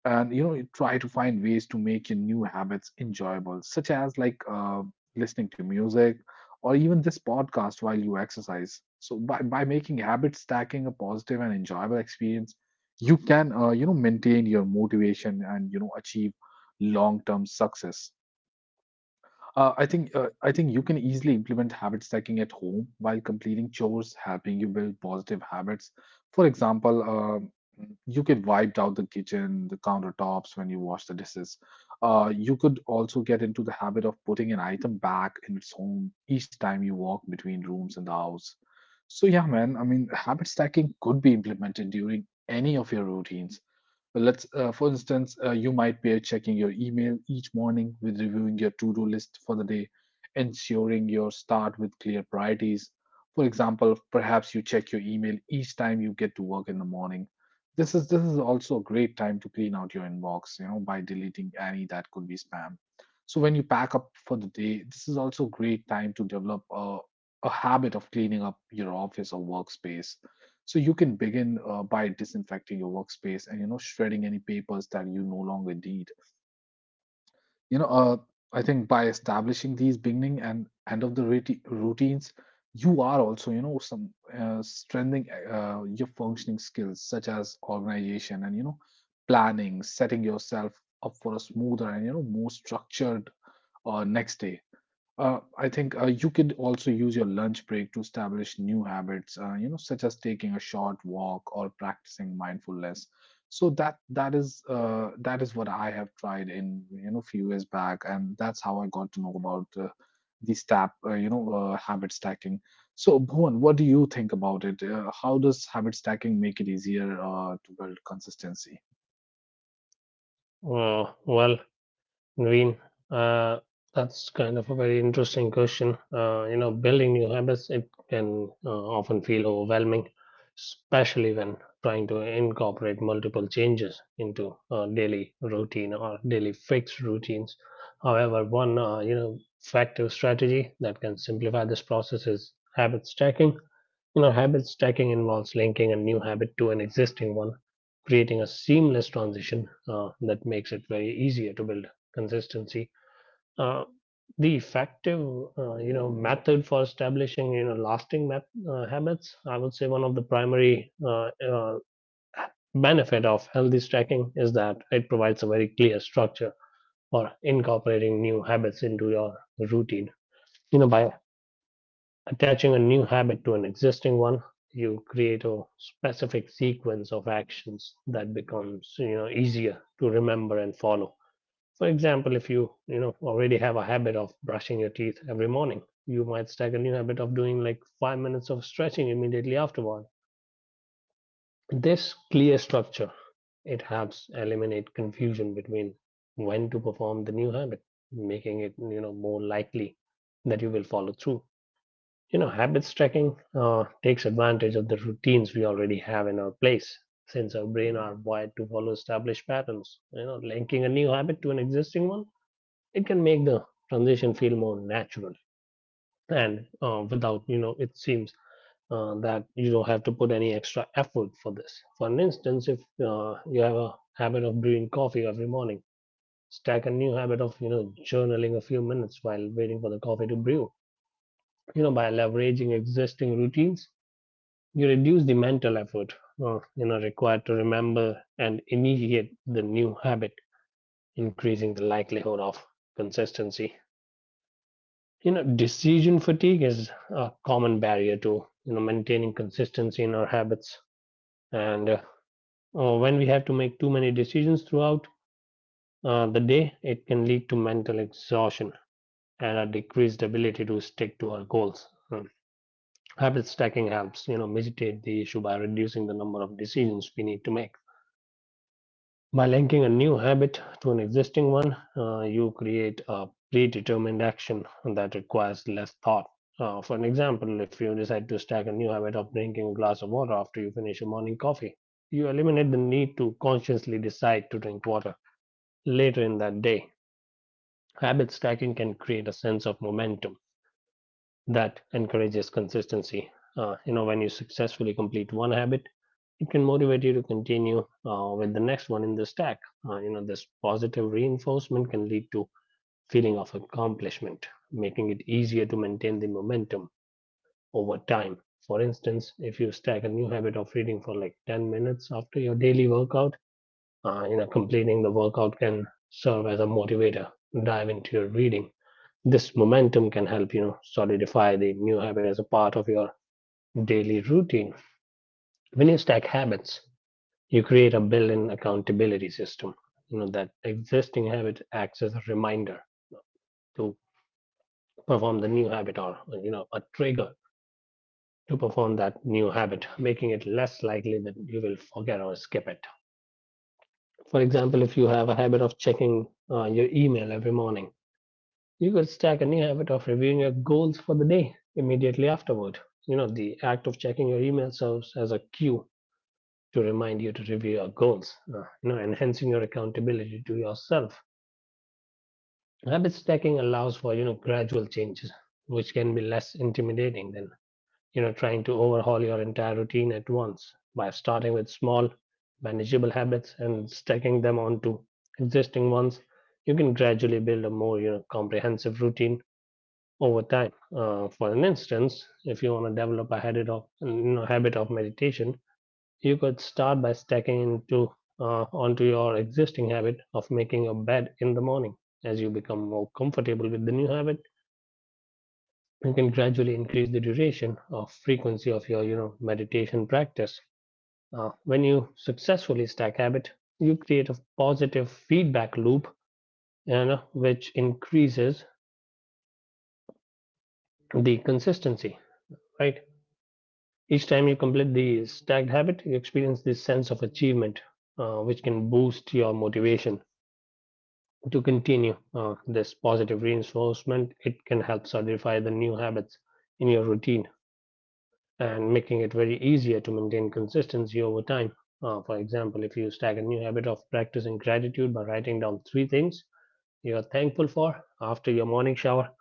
A: And you know you try to find ways to make your new habits enjoyable, such as like uh, listening to music or even this podcast while you exercise. So by, by making habit stacking a positive and enjoyable experience, you can uh, you know maintain your motivation and you know achieve long term success. Uh, I think uh, I think you can easily implement habit stacking at home while completing chores, helping you build positive habits. For example, um you could wipe out the kitchen, the countertops when you wash the dishes. Uh, you could also get into the habit of putting an item back in its home each time you walk between rooms in the house. So yeah, man. I mean, habit stacking could be implemented during any of your routines. Let's, uh, for instance, uh, you might be checking your email each morning with reviewing your to-do list for the day, ensuring your start with clear priorities. For example, perhaps you check your email each time you get to work in the morning. This is this is also a great time to clean out your inbox, you know, by deleting any that could be spam. So when you pack up for the day, this is also a great time to develop a, a habit of cleaning up your office or workspace. So you can begin uh, by disinfecting your workspace and you know shredding any papers that you no longer need. You know, uh, I think by establishing these beginning and end of the routi- routines, you are also you know some uh, strengthening uh, your functioning skills such as organization and you know planning, setting yourself up for a smoother and you know more structured uh, next day. Uh, I think uh, you could also use your lunch break to establish new habits, uh, you know, such as taking a short walk or practicing mindfulness. So that that is uh, that is what I have tried in you know few years back, and that's how I got to know about uh, the step, uh, you know, uh, habit stacking. So Bhuvan, what do you think about it? Uh, how does habit stacking make it easier uh, to build consistency?
B: uh, well, Naveen, uh, that's kind of a very interesting question. Uh, you know building new habits, it can uh, often feel overwhelming, especially when trying to incorporate multiple changes into a daily routine or daily fixed routines. However, one uh, you know effective strategy that can simplify this process is habit stacking. You know, habit stacking involves linking a new habit to an existing one, creating a seamless transition uh, that makes it very easier to build consistency. Uh, the effective, uh, you know, method for establishing, you know, lasting met- uh, habits. I would say one of the primary uh, uh, benefit of healthy stacking is that it provides a very clear structure for incorporating new habits into your routine. You know, by Attaching a new habit to an existing one, you create a specific sequence of actions that becomes you know easier to remember and follow. For example, if you you know already have a habit of brushing your teeth every morning, you might stack a new habit of doing like five minutes of stretching immediately afterward. This clear structure, it helps eliminate confusion between when to perform the new habit, making it you know more likely that you will follow through. You know, habits tracking uh, takes advantage of the routines we already have in our place, since our brain are wired to follow established patterns. You know, linking a new habit to an existing one, it can make the transition feel more natural, and uh, without, you know, it seems uh, that you don't have to put any extra effort for this. For an instance, if uh, you have a habit of brewing coffee every morning, stack a new habit of you know journaling a few minutes while waiting for the coffee to brew. You know, by leveraging existing routines, you reduce the mental effort uh, you know, required to remember and initiate the new habit, increasing the likelihood of consistency. You know, decision fatigue is a common barrier to you know maintaining consistency in our habits, and uh, uh, when we have to make too many decisions throughout uh, the day, it can lead to mental exhaustion and a decreased ability to stick to our goals. Hmm. Habit stacking helps, you know, mitigate the issue by reducing the number of decisions we need to make. By linking a new habit to an existing one, uh, you create a predetermined action that requires less thought. Uh, for an example, if you decide to stack a new habit of drinking a glass of water after you finish your morning coffee, you eliminate the need to consciously decide to drink water later in that day. Habit stacking can create a sense of momentum that encourages consistency. Uh, you know, when you successfully complete one habit, it can motivate you to continue uh, with the next one in the stack. Uh, you know, this positive reinforcement can lead to feeling of accomplishment, making it easier to maintain the momentum over time. For instance, if you stack a new habit of reading for like ten minutes after your daily workout, uh, you know, completing the workout can serve as a motivator to dive into your reading. This momentum can help, you know, solidify the new habit as a part of your daily routine. When you stack habits, you create a built-in accountability system. You know that existing habit acts as a reminder to perform the new habit, or you know a trigger to perform that new habit, making it less likely that you will forget or skip it. For example, if you have a habit of checking uh, your email every morning, you could stack a new habit of reviewing your goals for the day immediately afterward. You know the act of checking your email serves as a cue to remind you to review your goals, uh, you know enhancing your accountability to yourself. Habit stacking allows for you know gradual changes, which can be less intimidating than you know trying to overhaul your entire routine at once, by starting with small, manageable habits and stacking them onto existing ones. You can gradually build a more you know comprehensive routine over time. Uh, for an instance, if you want to develop a habit of you know, habit of meditation, you could start by stacking into uh, onto your existing habit of making your bed in the morning. As you become more comfortable with the new habit, you can gradually increase the duration or frequency of your, you know, meditation practice. Uh, when you successfully stack habit, you create a positive feedback loop, and uh, which increases the consistency. Right. Each time you complete the stacked habit, you experience this sense of achievement, uh, which can boost your motivation to continue. Uh, this positive reinforcement, it can help solidify the new habits in your routine, and making it very easier to maintain consistency over time. Uh, for example, if you stack a new habit of practicing gratitude by writing down three things you are thankful for after your morning shower,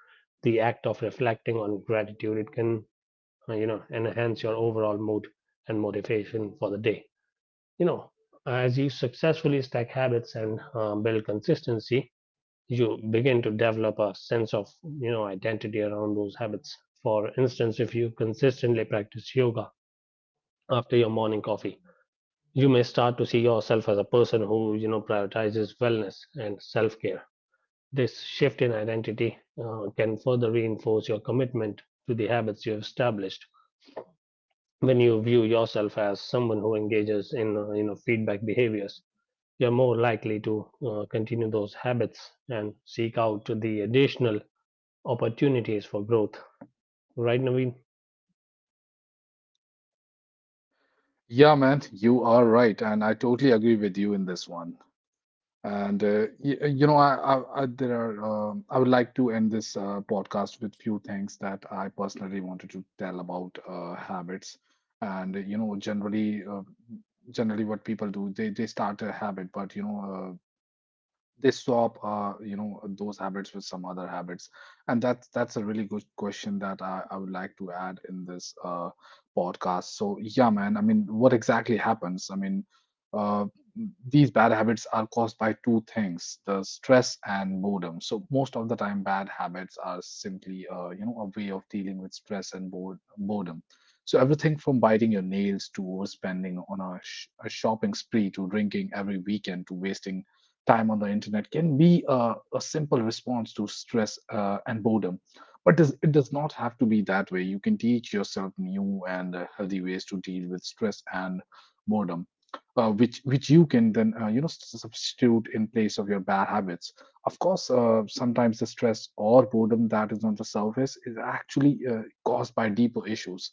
B: the act of reflecting on gratitude, it can uh, you know enhance your overall mood and motivation for the day. You know, as you successfully stack habits and uh, build consistency, you begin to develop a sense of you know identity around those habits. For instance, if you consistently practice yoga after your morning coffee, you may start to see yourself as a person who you know prioritizes wellness and self-care. This shift in identity, uh, can further reinforce your commitment to the habits you have established. When you view yourself as someone who engages in uh, you know feedback behaviors, you're more likely to uh, continue those habits and seek out the additional opportunities for growth. Right, Naveen?
A: Yeah, man, you are right, and I totally agree with you in this one. And uh, you, you know, I, I, I there are um, I would like to end this uh, podcast with few things that I personally wanted to tell about uh, habits. And you know, generally, uh, generally, what people do, they they start a habit, but you know, uh, they swap uh, you know those habits with some other habits. And that's that's a really good question that i, I would like to add in this uh, podcast. So yeah, man, I mean what exactly happens. I mean uh, these bad habits are caused by two things, the stress and boredom. So most of the time bad habits are simply uh, you know a way of dealing with stress and bored, boredom. So everything from biting your nails to overspending on a, sh- a shopping spree to drinking every weekend to wasting time on the internet can be a, a simple response to stress uh, and boredom. But does, it does not have to be that way. You can teach yourself new and uh, healthy ways to deal with stress and boredom, uh, which which you can then uh, you know s- substitute in place of your bad habits. Of course, uh, sometimes the stress or boredom that is on the surface is actually uh, caused by deeper issues.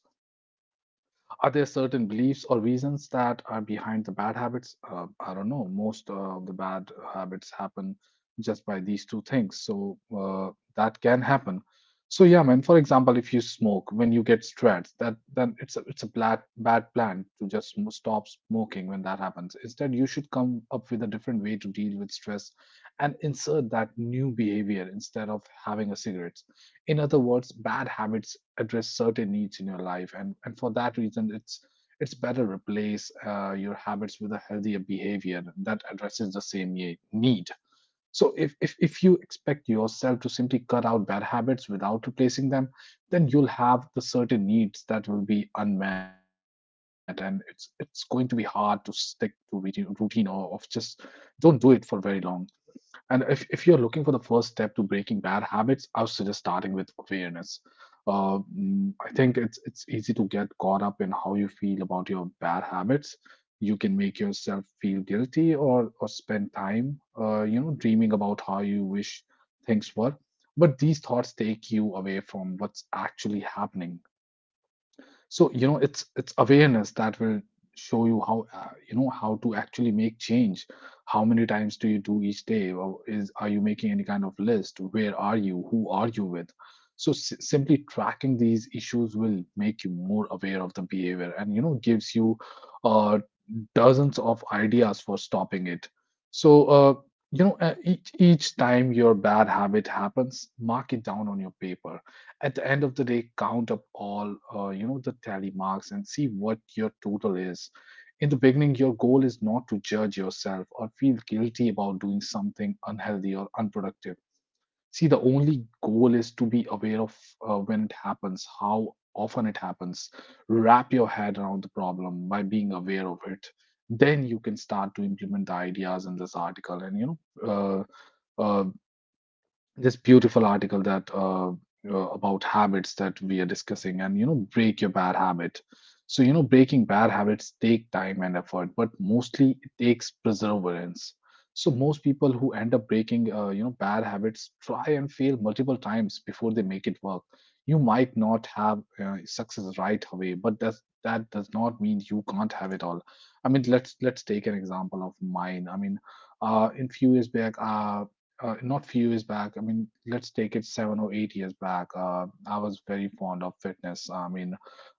A: Are there certain beliefs or reasons that are behind the bad habits? Uh, I don't know. Most of the bad habits happen just by these two things. So uh, that can happen. So yeah, man. For example, if you smoke when you get stressed, that then it's a it's a bad bad plan to just sm- stop smoking when that happens. Instead, you should come up with a different way to deal with stress and insert that new behavior instead of having a cigarette. In other words, bad habits address certain needs in your life, and and for that reason it's it's better replace uh, your habits with a healthier behavior that addresses the same ye- need. So if, if if you expect yourself to simply cut out bad habits without replacing them, then you'll have the certain needs that will be unmet, and it's it's going to be hard to stick to routine routine or of just don't do it for very long. And if, if you're looking for the first step to breaking bad habits, I would suggest starting with awareness. Uh, mm, I think it's it's easy to get caught up in how you feel about your bad habits. You can make yourself feel guilty or or spend time, uh, you know, dreaming about how you wish things were. But these thoughts take you away from what's actually happening. So, you know, it's it's awareness that will show you how uh, you know how to actually make change. How many times do you do each day? Or is are you making any kind of list? Where are you? Who are you with? So s- simply tracking these issues will make you more aware of the behavior, and you know gives you uh, dozens of ideas for stopping it. So uh, you know uh, each each time your bad habit happens, mark it down on your paper. At the end of the day, count up all uh, you know the tally marks and see what your total is. In the beginning, your goal is not to judge yourself or feel guilty about doing something unhealthy or unproductive. See, the only goal is to be aware of, uh, when it happens, how often it happens. Wrap your head around the problem by being aware of it. Then you can start to implement the ideas in this article, and you know uh, uh, this beautiful article that uh, uh, about habits that we are discussing, and you know, break your bad habit. So you know, breaking bad habits take time and effort, but mostly it takes perseverance. So most people who end up breaking uh, you know bad habits try and fail multiple times before they make it work. You might not have uh, success right away, but that's that does not mean you can't have it all. I mean, let's let's take an example of mine. I mean, uh, in few years back uh, uh, not few years back. I mean, let's take it seven or eight years back. Uh, I was very fond of fitness. I mean,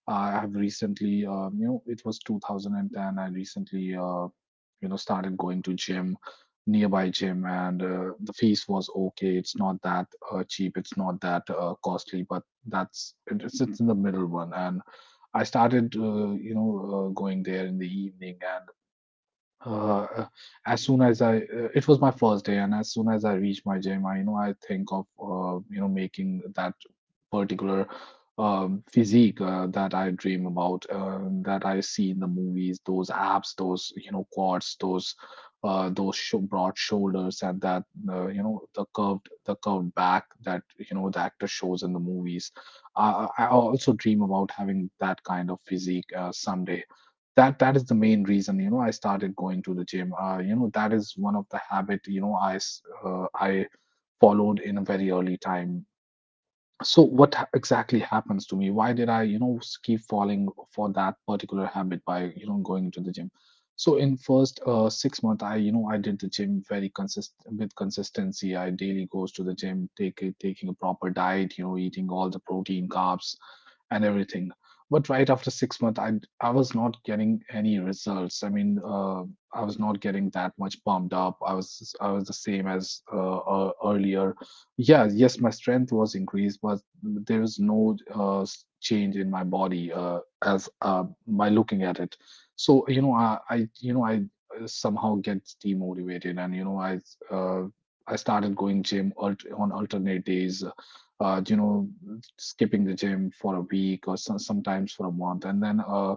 A: I have recently, um, you know, it was two thousand ten. I recently, uh, you know, started going to gym, nearby gym, and uh, the fees was okay. It's not that uh, cheap. It's not that uh, costly, but that's it, it's it's in the middle one. And I started, uh, you know, uh, going there in the evening, and uh, as soon as I, uh, it was my first day, and as soon as I reach my gym, I, you know, I think of, uh, you know, making that particular um, physique uh, that I dream about, uh, that I see in the movies, those abs, those, you know, quads, those, uh, those sho broad shoulders, and that, uh, you know, the curved, the curved back that, you know, the actor shows in the movies. I, I I also dream about having that kind of physique uh, someday. That that is the main reason, you know, I started going to the gym. Uh, you know, that is one of the habit, you know, i s- uh, i followed in a very early time. So what ha- exactly happens to me? Why did I, you know, s- keep falling for that particular habit by, you know, going into the gym? So in first uh, six month, I, you know, I did the gym very consist with consistency. I daily goes to the gym, take a- taking a proper diet, you know, eating all the protein, carbs, and everything. But right after six months, I I was not getting any results. I mean, uh, I was not getting that much pumped up. I was I was the same as uh, uh, earlier. Yeah, yes, my strength was increased, but there was no uh, s- change in my body uh, as uh, by looking at it. So you know, I, I you know, I uh, somehow get demotivated, and you know, I uh, I started going gym alt- on alternate days, uh, you know, skipping the gym for a week or so, sometimes for a month. And then uh,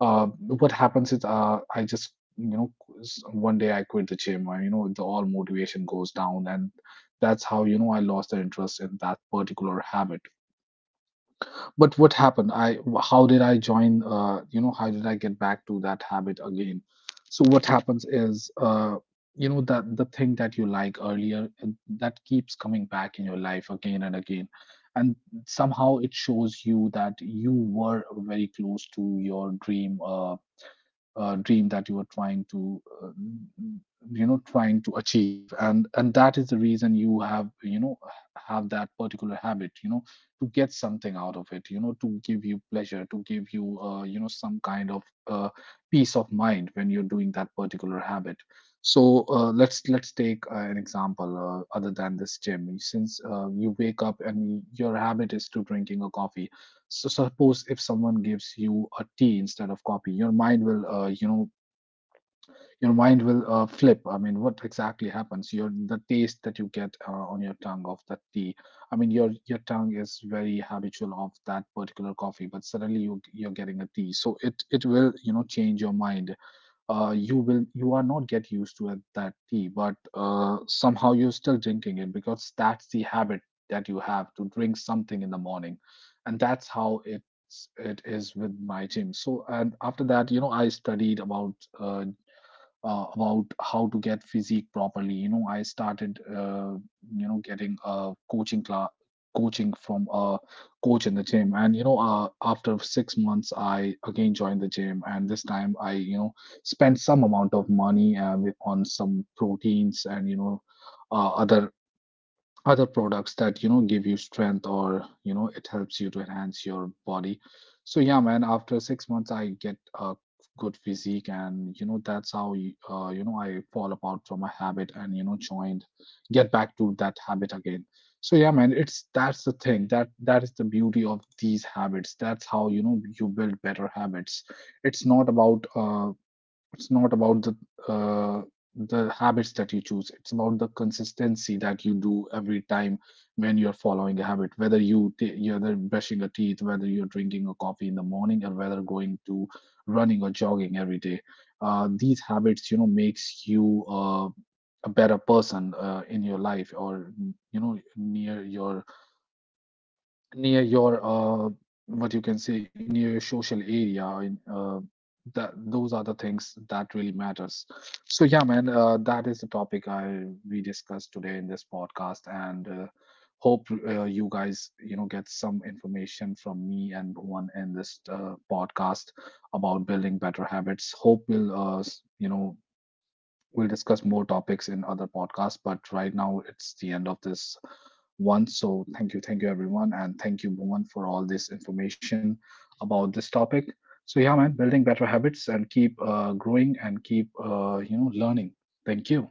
A: uh, what happens is, uh, I just, you know, s- one day I quit the gym. I, you know, the all motivation goes down, and that's how, you know, I lost the interest in that particular habit. But what happened? I how did I join? Uh, you know, how did I get back to that habit again? So what happens is, uh, you know, that the thing that you like earlier uh, that keeps coming back in your life again and again, and somehow it shows you that you were very close to your dream. Uh, uh, dream that you are trying to uh, you know, trying to achieve. And and that is the reason you have, you know, have that particular habit, you know, to get something out of it, you know, to give you pleasure, to give you uh, you know, some kind of uh, peace of mind when you're doing that particular habit. So uh, let's let's take uh, an example uh, other than this gym. Since uh, you wake up and your habit is to drinking a coffee, so suppose if someone gives you a tea instead of coffee, your mind will, uh, you know, your mind will uh, flip. I mean, what exactly happens, your the taste that you get uh, on your tongue of that tea, I mean, your your tongue is very habitual of that particular coffee, but suddenly you you're getting a tea, so it it will, you know, change your mind. uh, you will you are not get used to it, that tea, but uh, somehow you're still drinking it because that's the habit that you have to drink something in the morning, and that's how it it is with my gym. So and after that, you know, I studied about uh, uh, about how to get physique properly. You know, I started uh, you know, getting a coaching class, coaching from a coach in the gym, and you know, uh, after six months I again joined the gym, and this time I, you know, spent some amount of money uh, with- on some proteins, and you know, uh, other other products that, you know, give you strength, or you know, it helps you to enhance your body. So yeah, man, after six months I get a good physique, and you know, that's how, uh, you know, I fall apart from a habit, and you know, joined, get back to that habit again. So yeah, man, it's that's the thing, that that is the beauty of these habits. That's how, you know, you build better habits. It's not about uh, it's not about the uh, the habits that you choose. It's about the consistency that you do every time when you're following a habit. Whether you t- you're either brushing your teeth, whether you're drinking a coffee in the morning, or whether going to running or jogging every day. Uh, these habits, you know, makes you uh, a better person uh, in your life, or you know, near your near your uh, what you can say, near your social area, and uh, that, those are the things that really matters. So yeah, man, uh, that is the topic I we discussed today in this podcast, and uh, hope, uh, you guys, you know, get some information from me and Bhuvan in this uh, podcast about building better habits. Hope will, uh, s- you know, we'll discuss more topics in other podcasts, but right now it's the end of this one. So thank you, thank you everyone, and thank you, Bhuvan, for all this information about this topic. So yeah, man, building better habits and keep uh, growing and keep uh, you know, learning. Thank you.